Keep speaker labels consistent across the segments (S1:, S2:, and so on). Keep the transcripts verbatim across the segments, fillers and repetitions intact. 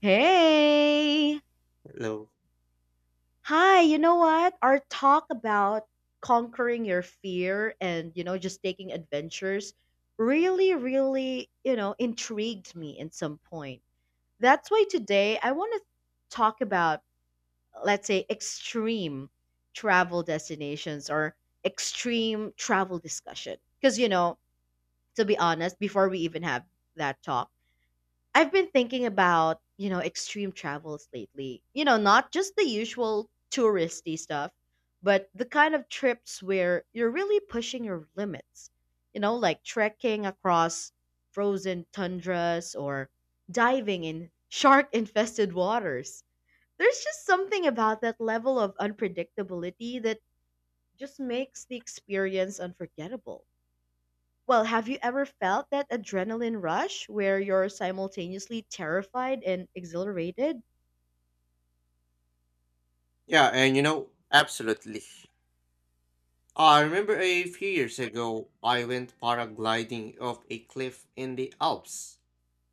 S1: Hey!
S2: Hello.
S1: Hi, you know what? Our talk about conquering your fear and, you know, just taking adventures really, really, you know, intrigued me in some point. That's why today I want to talk about, let's say, extreme travel destinations or extreme travel discussion. Because, you know, to be honest, before we even have that talk, I've been thinking about, you know, extreme travels lately. You know, not just the usual touristy stuff, but the kind of trips where you're really pushing your limits. You know, like trekking across frozen tundras or diving in shark infested waters. There's just something about that level of unpredictability that just makes the experience unforgettable. Well, have you ever felt that adrenaline rush where you're simultaneously terrified and exhilarated?
S2: Yeah, and you know, absolutely. Uh, I remember a few years ago, I went paragliding off a cliff in the Alps,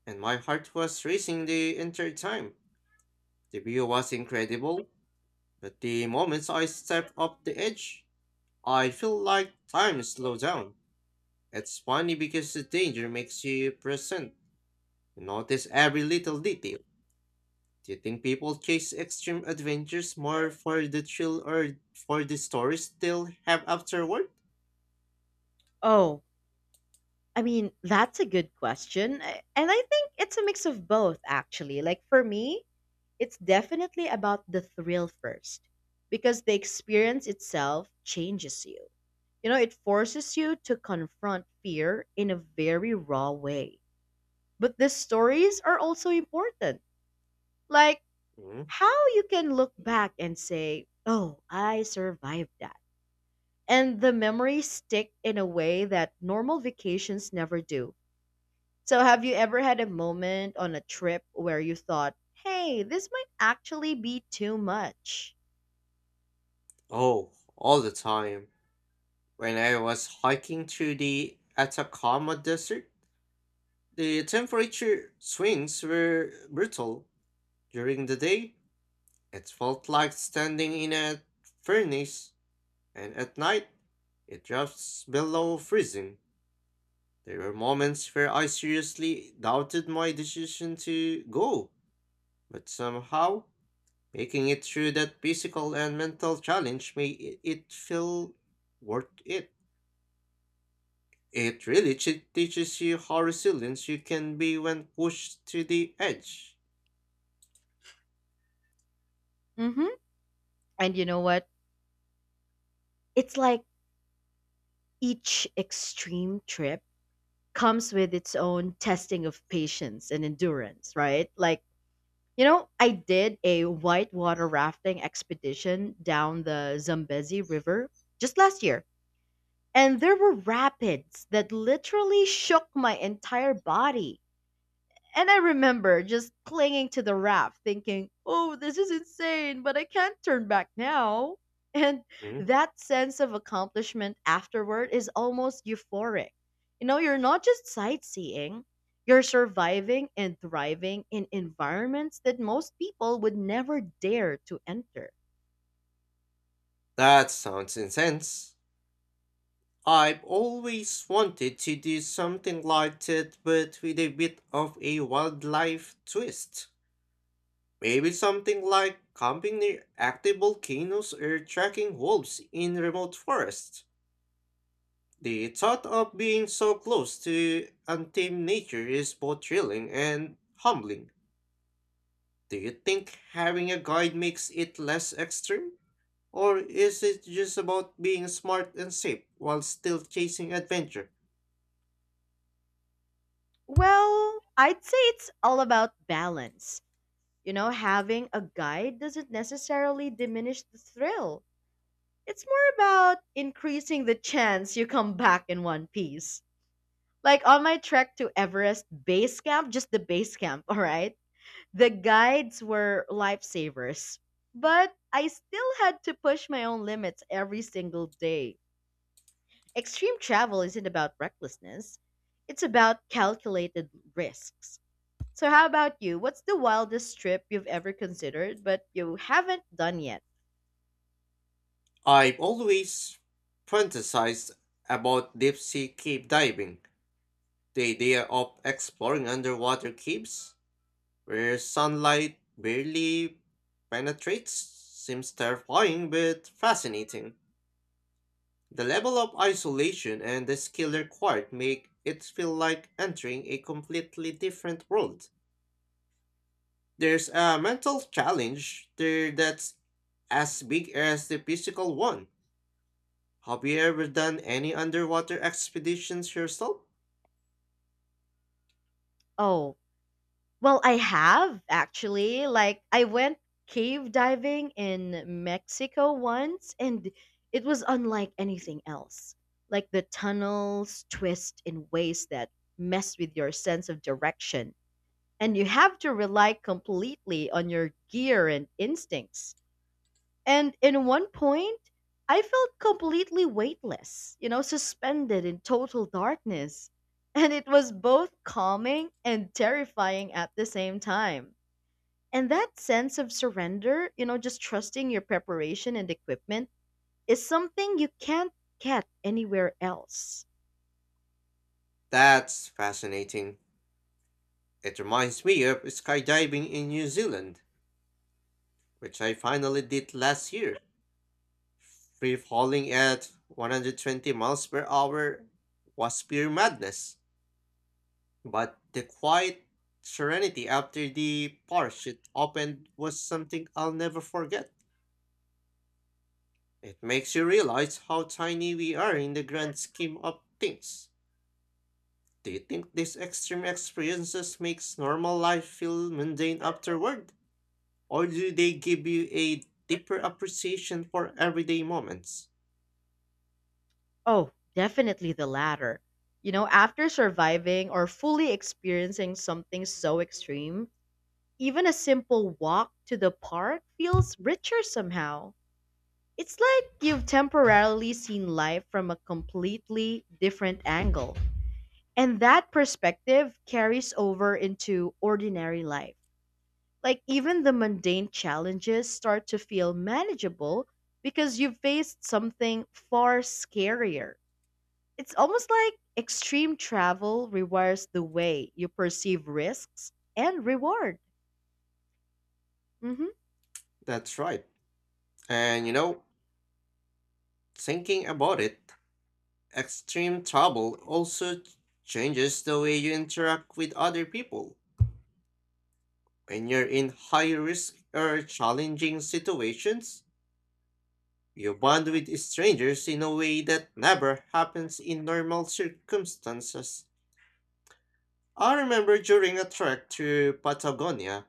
S2: and my heart was racing the entire time. The view was incredible, but the moments I stepped off the edge, I feel like time slowed down. It's funny because the danger makes you present. You notice every little detail. Do you think people chase extreme adventures more for the thrill or for the stories they'll have afterward?
S1: Oh, I mean, that's a good question. I- And I think it's a mix of both, actually. Like for me, it's definitely about the thrill first because the experience itself changes you. You know, it forces you to confront fear in a very raw way. But the stories are also important. Like,
S2: Mm.
S1: how you can look back and say, oh, I survived that. And the memories stick in a way that normal vacations never do. So, have you ever had a moment on a trip where you thought, hey, this might actually be too much?
S2: Oh, all the time. When I was hiking through the Atacama Desert, the temperature swings were brutal. During the day, it felt like standing in a furnace, and at night, it drops below freezing. There were moments where I seriously doubted my decision to go. But somehow, making it through that physical and mental challenge made it feel worth it. It really ch- teaches you how resilient you can be when pushed to the edge.
S1: Hmm. And you know what? It's like each extreme trip comes with its own testing of patience and endurance, right? Like, you know, I did a whitewater rafting expedition down the Zambezi River just last year, and there were rapids that literally shook my entire body. And I remember just clinging to the raft, thinking, oh, this is insane, but I can't turn back now. And
S2: Mm.
S1: that sense of accomplishment afterward is almost euphoric. You know, you're not just sightseeing, you're surviving and thriving in environments that most people would never dare to enter.
S2: That sounds intense. I've always wanted to do something like that, but with a bit of a wildlife twist. Maybe something like camping near active volcanoes or tracking wolves in remote forests. The thought of being so close to untamed nature is both thrilling and humbling. Do you think having a guide makes it less extreme? Or is it just about being smart and safe while still chasing adventure?
S1: Well, I'd say it's all about balance. You know, having a guide doesn't necessarily diminish the thrill. It's more about increasing the chance you come back in one piece. Like on my trek to Everest base camp, just the base camp, all right? The guides were lifesavers. But I still had to push my own limits every single day. Extreme travel isn't about recklessness, it's about calculated risks. So, how about you? What's the wildest trip you've ever considered but you haven't done yet?
S2: I've always fantasized about deep sea cave diving. The idea of exploring underwater caves where sunlight barely penetrates seems terrifying but fascinating. The level of isolation and the skill required make it feel like entering a completely different world. There's a mental challenge there that's as big as the physical one. Have you ever done any underwater expeditions yourself?
S1: Oh, well, I have actually. Like, I went cave diving in Mexico once, and it was unlike anything else. Like, the tunnels twist in ways that mess with your sense of direction, and you have to rely completely on your gear and instincts. And in one point, I felt completely weightless, you know, suspended in total darkness. And it was both calming and terrifying at the same time. And that sense of surrender, you know, just trusting your preparation and equipment, is something you can't get anywhere else.
S2: That's fascinating. It reminds me of skydiving in New Zealand, which I finally did last year. Free falling at one hundred twenty miles per hour was pure madness, but the quiet serenity after the parachute opened was something I'll never forget. It makes you realize how tiny we are in the grand scheme of things. Do you think these extreme experiences makes normal life feel mundane afterward? Or do they give you a deeper appreciation for everyday moments?
S1: Oh, definitely the latter. You know, after surviving or fully experiencing something so extreme, even a simple walk to the park feels richer somehow. It's like you've temporarily seen life from a completely different angle. And that perspective carries over into ordinary life. Like, even the mundane challenges start to feel manageable because you've faced something far scarier. It's almost like extreme travel rewires the way you perceive risks and reward. Hmm.
S2: That's right. And you know, thinking about it, extreme travel also changes the way you interact with other people. When you're in high risk or challenging situations, you bond with strangers in a way that never happens in normal circumstances. I remember during a trek to Patagonia,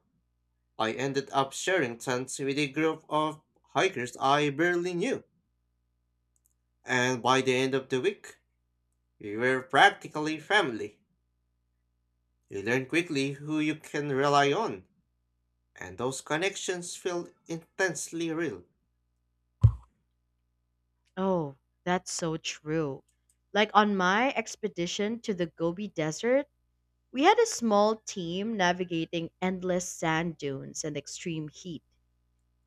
S2: I ended up sharing tents with a group of hikers I barely knew, and by the end of the week, we were practically family. You learn quickly who you can rely on, and those connections feel intensely real.
S1: Oh, that's so true. Like on my expedition to the Gobi Desert, we had a small team navigating endless sand dunes and extreme heat.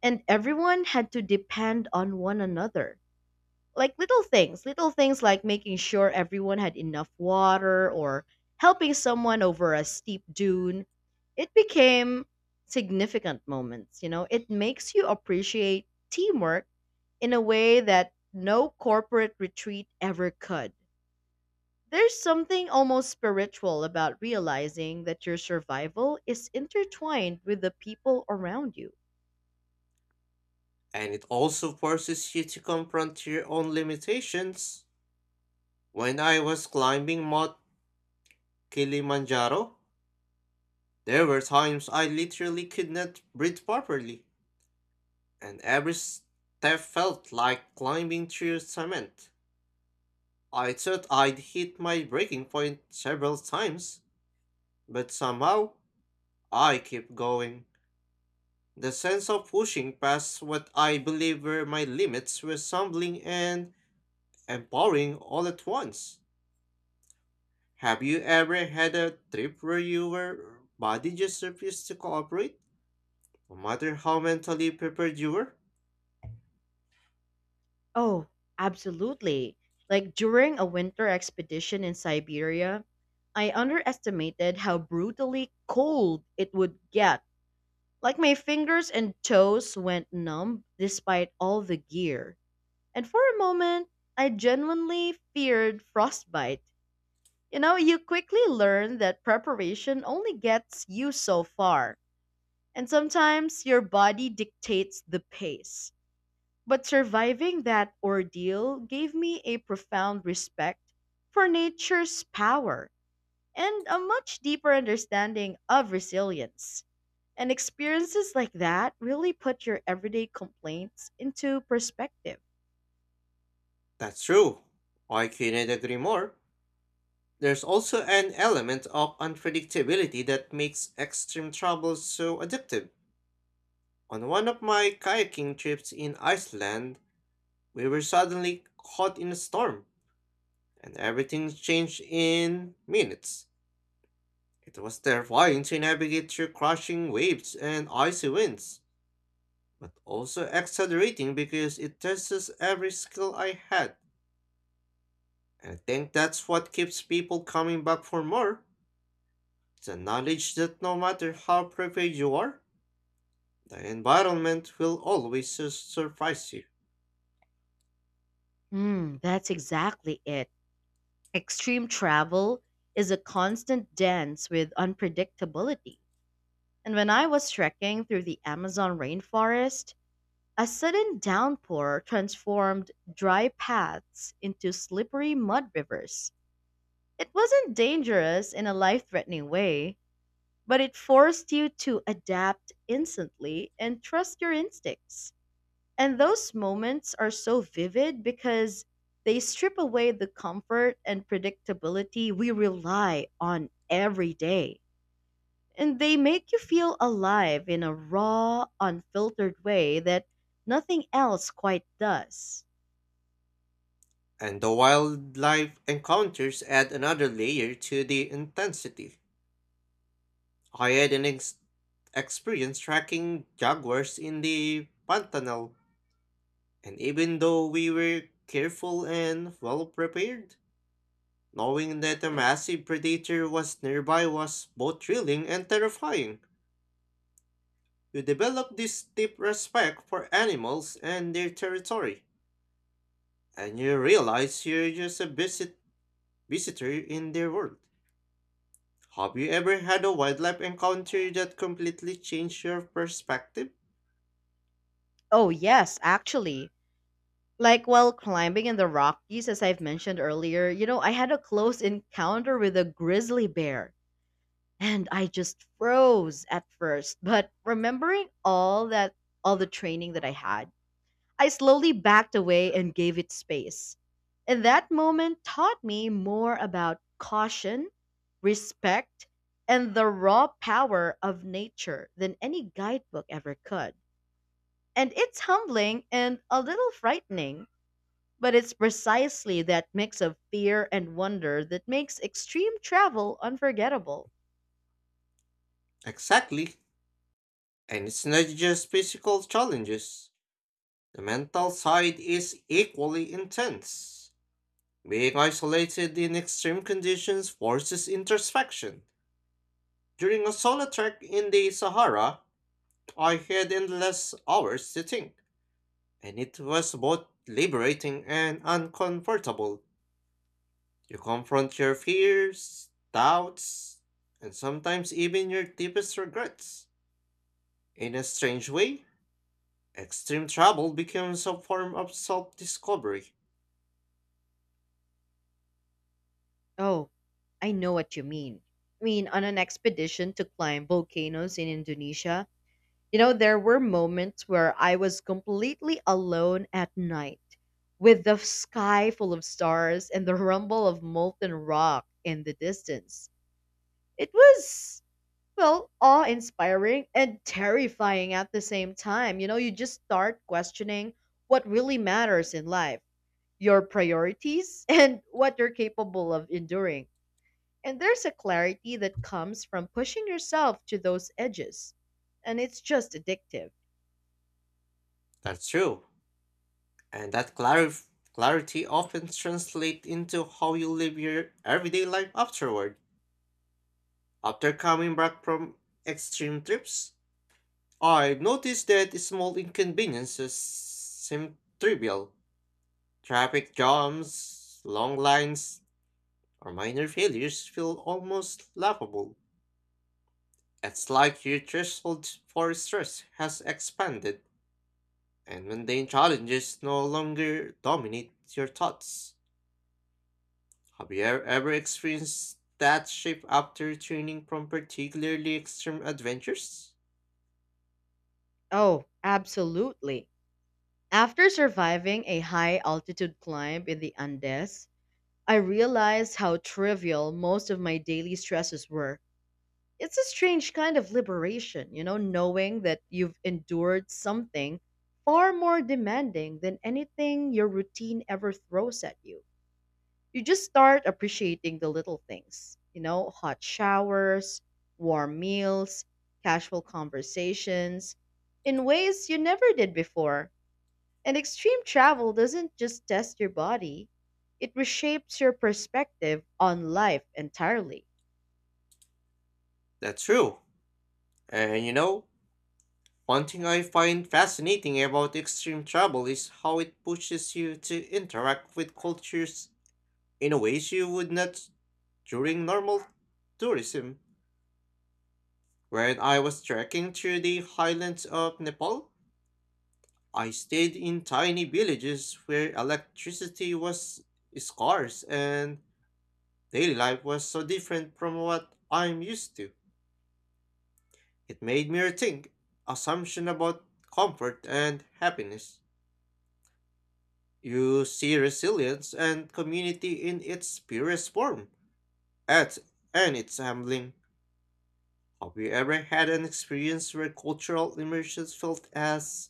S1: And everyone had to depend on one another. Like little things, little things like making sure everyone had enough water or helping someone over a steep dune. It became significant moments, you know? It makes you appreciate teamwork in a way that no corporate retreat ever could. There's something almost spiritual about realizing that your survival is intertwined with the people around you.
S2: And it also forces you to confront your own limitations. When I was climbing Mount Kilimanjaro, there were times I literally could not breathe properly, and every step felt like climbing through cement. I thought I'd hit my breaking point several times, but somehow I kept going. The sense of pushing past what I believe were my limits was humbling and and boring all at once. Have you ever had a trip where your body just refused to cooperate, no matter how mentally prepared you were?
S1: Oh, absolutely. Like during a winter expedition in Siberia, I underestimated how brutally cold it would get. Like my fingers and toes went numb despite all the gear. And for a moment, I genuinely feared frostbite. You know, you quickly learn that preparation only gets you so far, and sometimes your body dictates the pace. But surviving that ordeal gave me a profound respect for nature's power and a much deeper understanding of resilience. And experiences like that really put your everyday complaints into perspective.
S2: That's true. I couldn't agree more. There's also an element of unpredictability that makes extreme travel so addictive. On one of my kayaking trips in Iceland, we were suddenly caught in a storm, and everything changed in minutes. It was terrifying to navigate through crashing waves and icy winds, but also exhilarating because it tests every skill I had. And I think that's what keeps people coming back for more. The knowledge that no matter how prepared you are, the environment will always su- surprise you.
S1: Hmm, that's exactly it. Extreme travel is a constant dance with unpredictability. And when I was trekking through the Amazon rainforest, a sudden downpour transformed dry paths into slippery mud rivers. It wasn't dangerous in a life threatening way, but it forced you to adapt instantly and trust your instincts. And those moments are so vivid because they strip away the comfort and predictability we rely on every day. And they make you feel alive in a raw, unfiltered way that nothing else quite does.
S2: And the wildlife encounters add another layer to the intensity. I had an ex- experience tracking jaguars in the Pantanal. And even though we were careful and well prepared, knowing that a massive predator was nearby was both thrilling and terrifying. You develop this deep respect for animals and their territory, and you realize you're just a visit visitor in their world. Have you ever had a wildlife encounter that completely changed your perspective?
S1: Oh, yes, actually. Like while climbing in the Rockies, as I've mentioned earlier, you know, I had a close encounter with a grizzly bear and I just froze at first. But remembering all that, all the training that I had, I slowly backed away and gave it space. And that moment taught me more about caution, respect, and the raw power of nature than any guidebook ever could. And it's humbling and a little frightening, but it's precisely that mix of fear and wonder that makes extreme travel unforgettable.
S2: Exactly. And it's not just physical challenges. The mental side is equally intense. Being isolated in extreme conditions forces introspection. During a solo trek in the Sahara, I had endless hours to think, and it was both liberating and uncomfortable. You confront your fears, doubts, and sometimes even your deepest regrets. In a strange way, extreme travel becomes a form of self discovery.
S1: Oh, I know what you mean. I mean, on an expedition to climb volcanoes in Indonesia, you know, there were moments where I was completely alone at night, with the sky full of stars and the rumble of molten rock in the distance. It was, well, awe inspiring and terrifying at the same time. You know, you just start questioning what really matters in life, your priorities, and what you're capable of enduring, and there's a clarity that comes from pushing yourself to those edges. And it's just addictive.
S2: That's true. And that clarif- clarity often translates into how you live your everyday life afterward. After coming back from extreme trips, I've noticed that small inconveniences seem trivial. Traffic jams, long lines, or minor failures feel almost laughable. It's like your threshold for stress has expanded, and mundane challenges no longer dominate your thoughts. Have you ever, ever experienced that shift after returning from particularly extreme adventures?
S1: Oh, absolutely. After surviving a high altitude climb in the Andes, I realized how trivial most of my daily stresses were. It's a strange kind of liberation, you know, knowing that you've endured something far more demanding than anything your routine ever throws at you. You just start appreciating the little things, you know, hot showers, warm meals, casual conversations in ways you never did before. And extreme travel doesn't just test your body, it reshapes your perspective on life entirely.
S2: That's true. And you know, one thing I find fascinating about extreme travel is how it pushes you to interact with cultures in a ways you would not during normal tourism. When I was trekking through the highlands of Nepal, I stayed in tiny villages where electricity was scarce and daily life was so different from what I'm used to. It made me rethink assumption about comfort and happiness. You see resilience and community in its purest form. At and it's humbling. Have you ever had an experience where cultural immersion felt as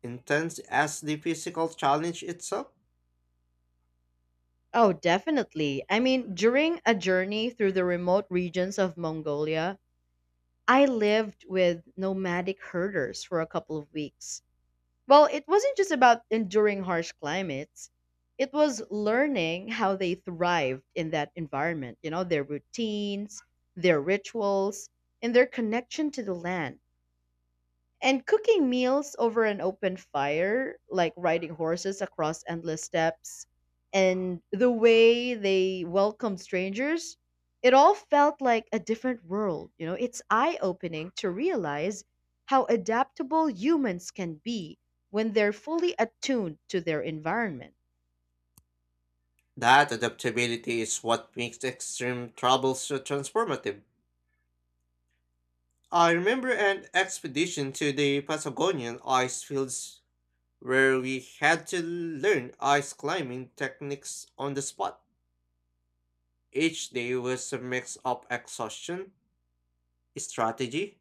S2: intense as the physical challenge itself?
S1: Oh, definitely. I mean, during a journey through the remote regions of Mongolia, I lived with nomadic herders for a couple of weeks. Well, it wasn't just about enduring harsh climates. It was learning how they thrived in that environment, you know, their routines, their rituals, and their connection to the land. And cooking meals over an open fire, like riding horses across endless steppes, and the way they welcomed strangers, it all felt like a different world. You know, it's eye opening to realize how adaptable humans can be when they're fully attuned to their environment.
S2: That adaptability is what makes extreme travel so transformative. I remember an expedition to the Patagonian ice fields where we had to learn ice climbing techniques on the spot. Each day was a mix of exhaustion, strategy,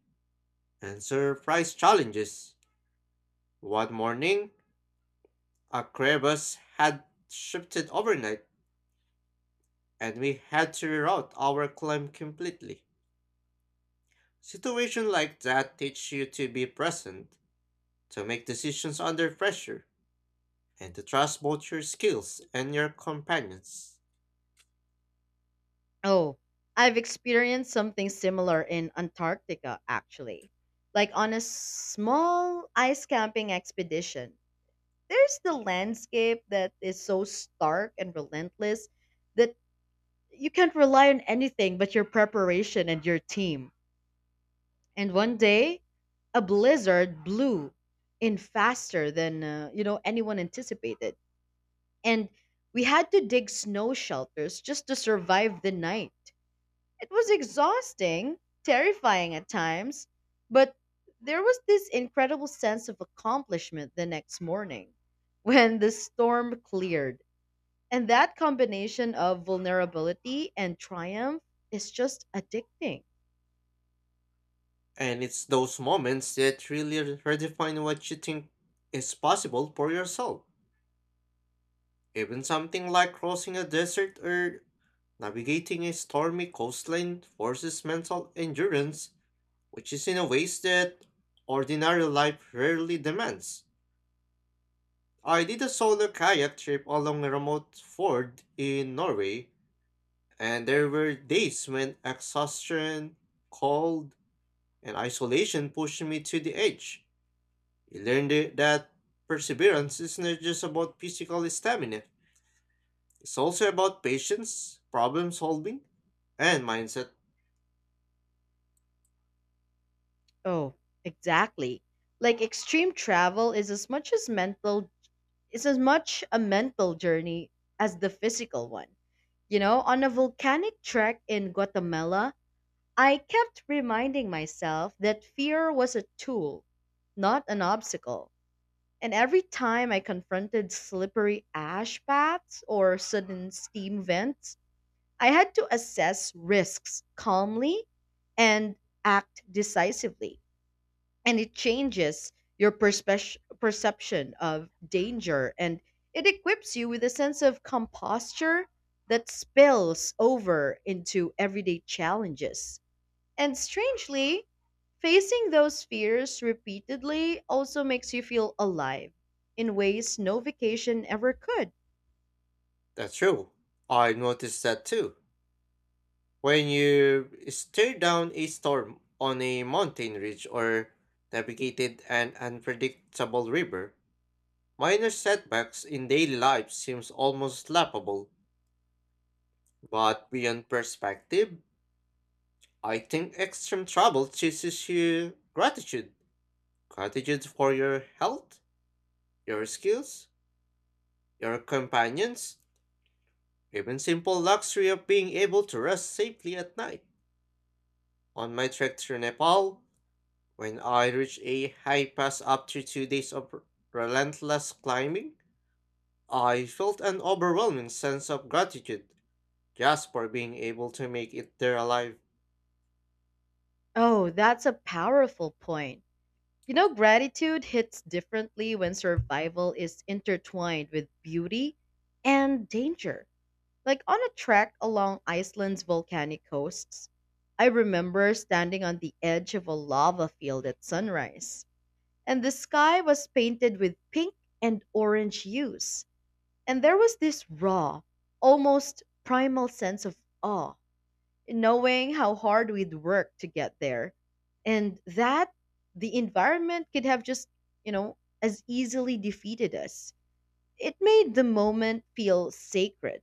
S2: and surprise challenges. One morning, a crevasse had shifted overnight, and we had to reroute our climb completely. Situations like that teach you to be present, to make decisions under pressure, and to trust both your skills and your companions.
S1: Oh, I've experienced something similar in Antarctica, actually. Like on a small ice camping expedition, there's the landscape that is so stark and relentless that you can't rely on anything but your preparation and your team. And one day, a blizzard blew in faster than uh, you know anyone anticipated, and we had to dig snow shelters just to survive the night. It was exhausting, terrifying at times, but there was this incredible sense of accomplishment the next morning when the storm cleared. And that combination of vulnerability and triumph is just addicting.
S2: And it's those moments that really redefine what you think is possible for yourself. Even something like crossing a desert or navigating a stormy coastline forces mental endurance, which is in a ways that ordinary life rarely demands. I did a solo kayak trip along a remote ford in Norway, and there were days when exhaustion, cold, and isolation pushed me to the edge. You learned it- that perseverance is not just about physical stamina, it's also about patience, problem solving, and mindset.
S1: Oh, exactly. Like extreme travel is as much as mental is as much a mental journey as the physical one. You know, on a volcanic trek in Guatemala, I kept reminding myself that fear was a tool, not an obstacle. And every time I confronted slippery ash paths or sudden steam vents, I had to assess risks calmly and act decisively. And it changes your perspe- perception of danger and it equips you with a sense of composture that spills over into everyday challenges. And strangely, facing those fears repeatedly also makes you feel alive in ways no vacation ever could.
S2: That's true. I noticed that too. When you stare down a storm on a mountain ridge or navigated an unpredictable river, minor setbacks in daily life seems almost laughable, but beyond perspective, I think extreme trouble teaches you gratitude. Gratitude for your health, your skills, your companions, even simple luxury of being able to rest safely at night. On my trek through Nepal, when I reached a high pass after two days of relentless climbing, I felt an overwhelming sense of gratitude just for being able to make it there alive.
S1: Oh, that's a powerful point. You know, gratitude hits differently when survival is intertwined with beauty and danger. Like on a trek along Iceland's volcanic coasts, I remember standing on the edge of a lava field at sunrise, and the sky was painted with pink and orange hues. And there was this raw, almost primal sense of awe knowing how hard we'd work to get there. And that the environment could have just, you know, as easily defeated us. It made the moment feel sacred.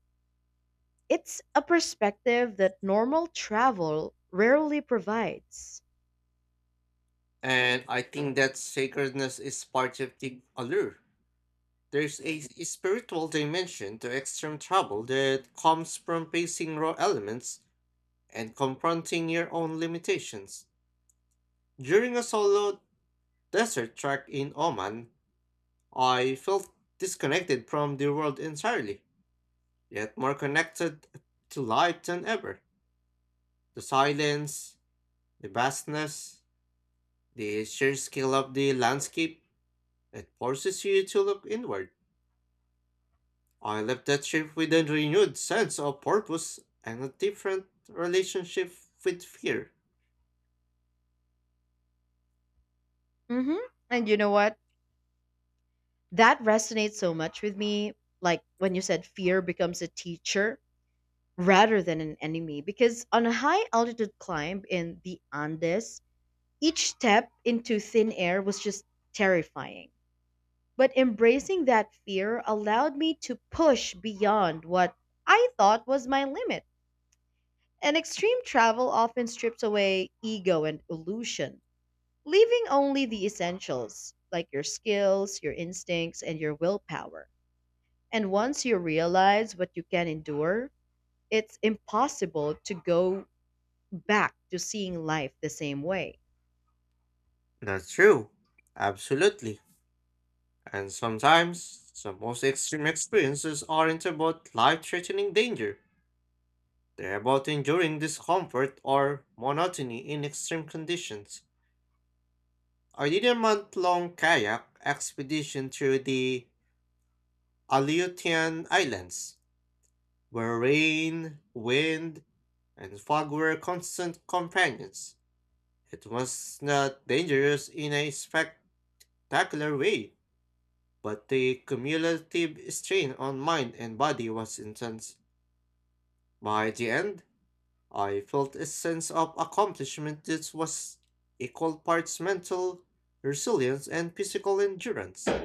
S1: It's a perspective that normal travel rarely provides.
S2: And I think that sacredness is part of the allure. There's a s- spiritual dimension to extreme travel that comes from facing raw elements and confronting your own limitations. During a solo desert trek in Oman, I felt disconnected from the world entirely, yet more connected to life than ever. The silence, the vastness, the sheer scale of the landscape, it forces you to look inward. I left that trip with a renewed sense of purpose and a different relationship with fear.
S1: Hmm. And you know what? That resonates so much with me. Like when you said fear becomes a teacher rather than an enemy, because on a high altitude climb in the Andes, each step into thin air was just terrifying. But embracing that fear allowed me to push beyond what I thought was my limit. And extreme travel often strips away ego and illusion, leaving only the essentials, like your skills, your instincts, and your willpower. And once you realize what you can endure, it's impossible to go back to seeing life the same way.
S2: That's true. Absolutely. And sometimes, the most extreme experiences aren't about life threatening danger, they're about enduring discomfort or monotony in extreme conditions. I did a month long kayak expedition through the Aleutian Islands, where rain, wind, and fog were constant companions. It was not dangerous in a spectacular way, but the cumulative strain on mind and body was intense. By the end, I felt a sense of accomplishment that was equal parts mental resilience and physical endurance.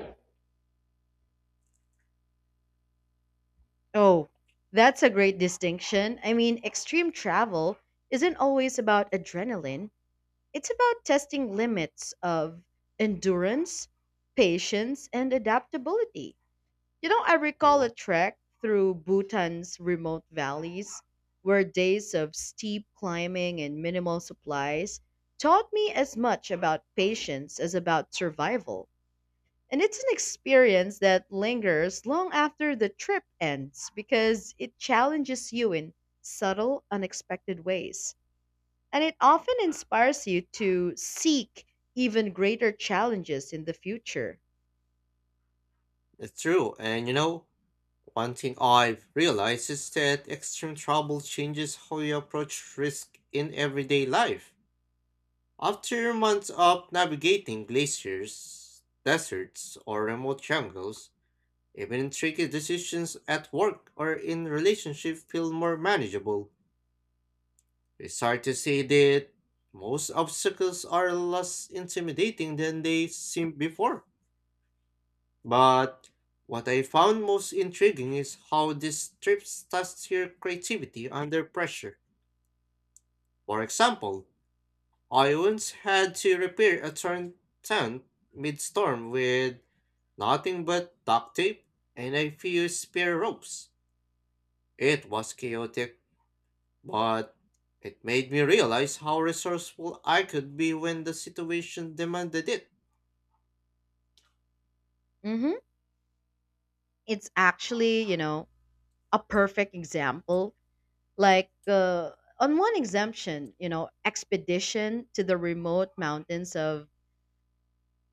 S1: Oh, that's a great distinction. I mean, extreme travel isn't always about adrenaline, it's about testing limits of endurance, patience, and adaptability. You know, I recall a
S2: Mm.
S1: trek through Bhutan's remote valleys where days of steep climbing and minimal supplies taught me as much about patience as about survival. And it's an experience that lingers long after the trip ends because it challenges you in subtle, unexpected ways. And it often inspires you to seek even greater challenges in the future.
S2: It's true, and you know, one thing I've realized is that extreme trouble changes how you approach risk in everyday life. After months of navigating glaciers, deserts, or remote jungles, even tricky decisions at work or in relationship feel more manageable. It's hard to say that most obstacles are less intimidating than they seemed before. But what I found most intriguing is how these trips test your creativity under pressure. For example, I once had to repair a torn tent mid-storm with nothing but duct tape and a few spare ropes. It was chaotic, but it made me realize how resourceful I could be when the situation demanded it.
S1: Hmm. It's actually, you know, a perfect example. Like, uh, on one exemption, you know, expedition to the remote mountains of,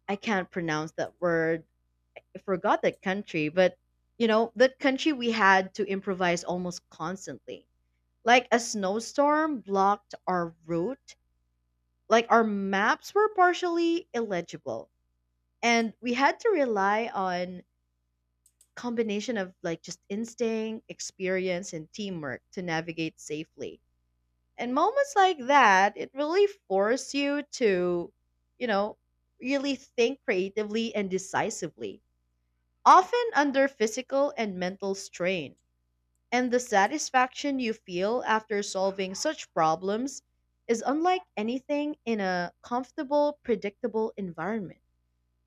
S1: I can't pronounce that word, forgot that country, but you know, that country we had to improvise almost constantly. Like a snowstorm blocked our route, like our maps were partially illegible, and we had to rely on combination of like just instinct, experience and teamwork to navigate safely. And moments like that, it really force you to, you know, really think creatively and decisively, often under physical and mental strain. And the satisfaction you feel after solving such problems is unlike anything in a comfortable, predictable environment.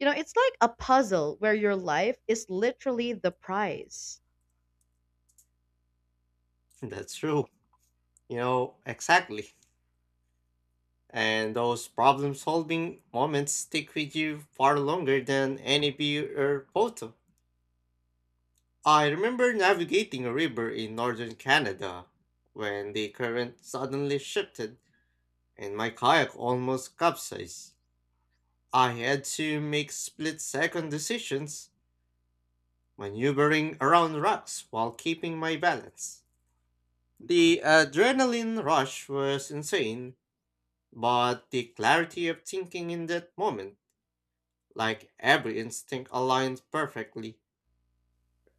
S1: You know, it's like a puzzle where your life is literally the prize.
S2: That's true. You know, exactly. And those problem solving moments stick with you far longer than any beer or photo. I remember navigating a river in northern Canada when the current suddenly shifted and my kayak almost capsized. I had to make split second decisions, maneuvering around rocks while keeping my balance. The adrenaline rush was insane, but the clarity of thinking in that moment, like every instinct aligned perfectly,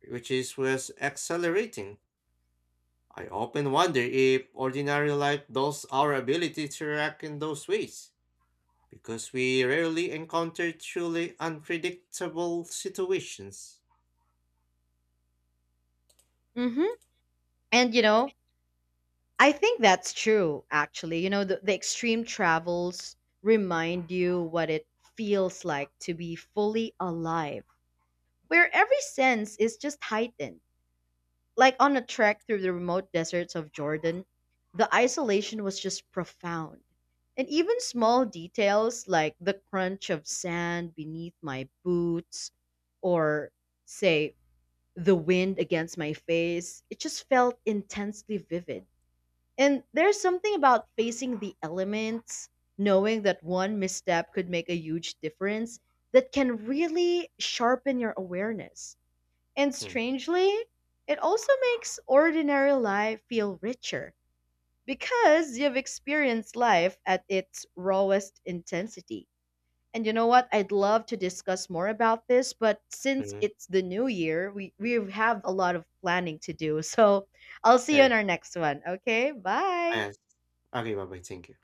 S2: which is was accelerating. I often wonder if ordinary life dulls our ability to react in those ways, because we rarely encounter truly unpredictable situations.
S1: Hmm. And, you know, I think that's true, actually. You know, the, the extreme travels remind you what it feels like to be fully alive, where every sense is just heightened. Like on a trek through the remote deserts of Jordan, the isolation was just profound. And even small details like the crunch of sand beneath my boots or, say, the wind against my face, it just felt intensely vivid. And there's something about facing the elements, knowing that one misstep could make a huge difference, that can really sharpen your awareness. And
S2: Hmm.
S1: strangely, it also makes ordinary life feel richer because you've experienced life at its rawest intensity. And you know what? I'd love to discuss more about this, but since
S2: Hmm.
S1: it's the new year, we, we have a lot of planning to do. So I'll see you in
S2: É,
S1: our next one. Okay, bye.
S2: é. Arriva, bye, thank you.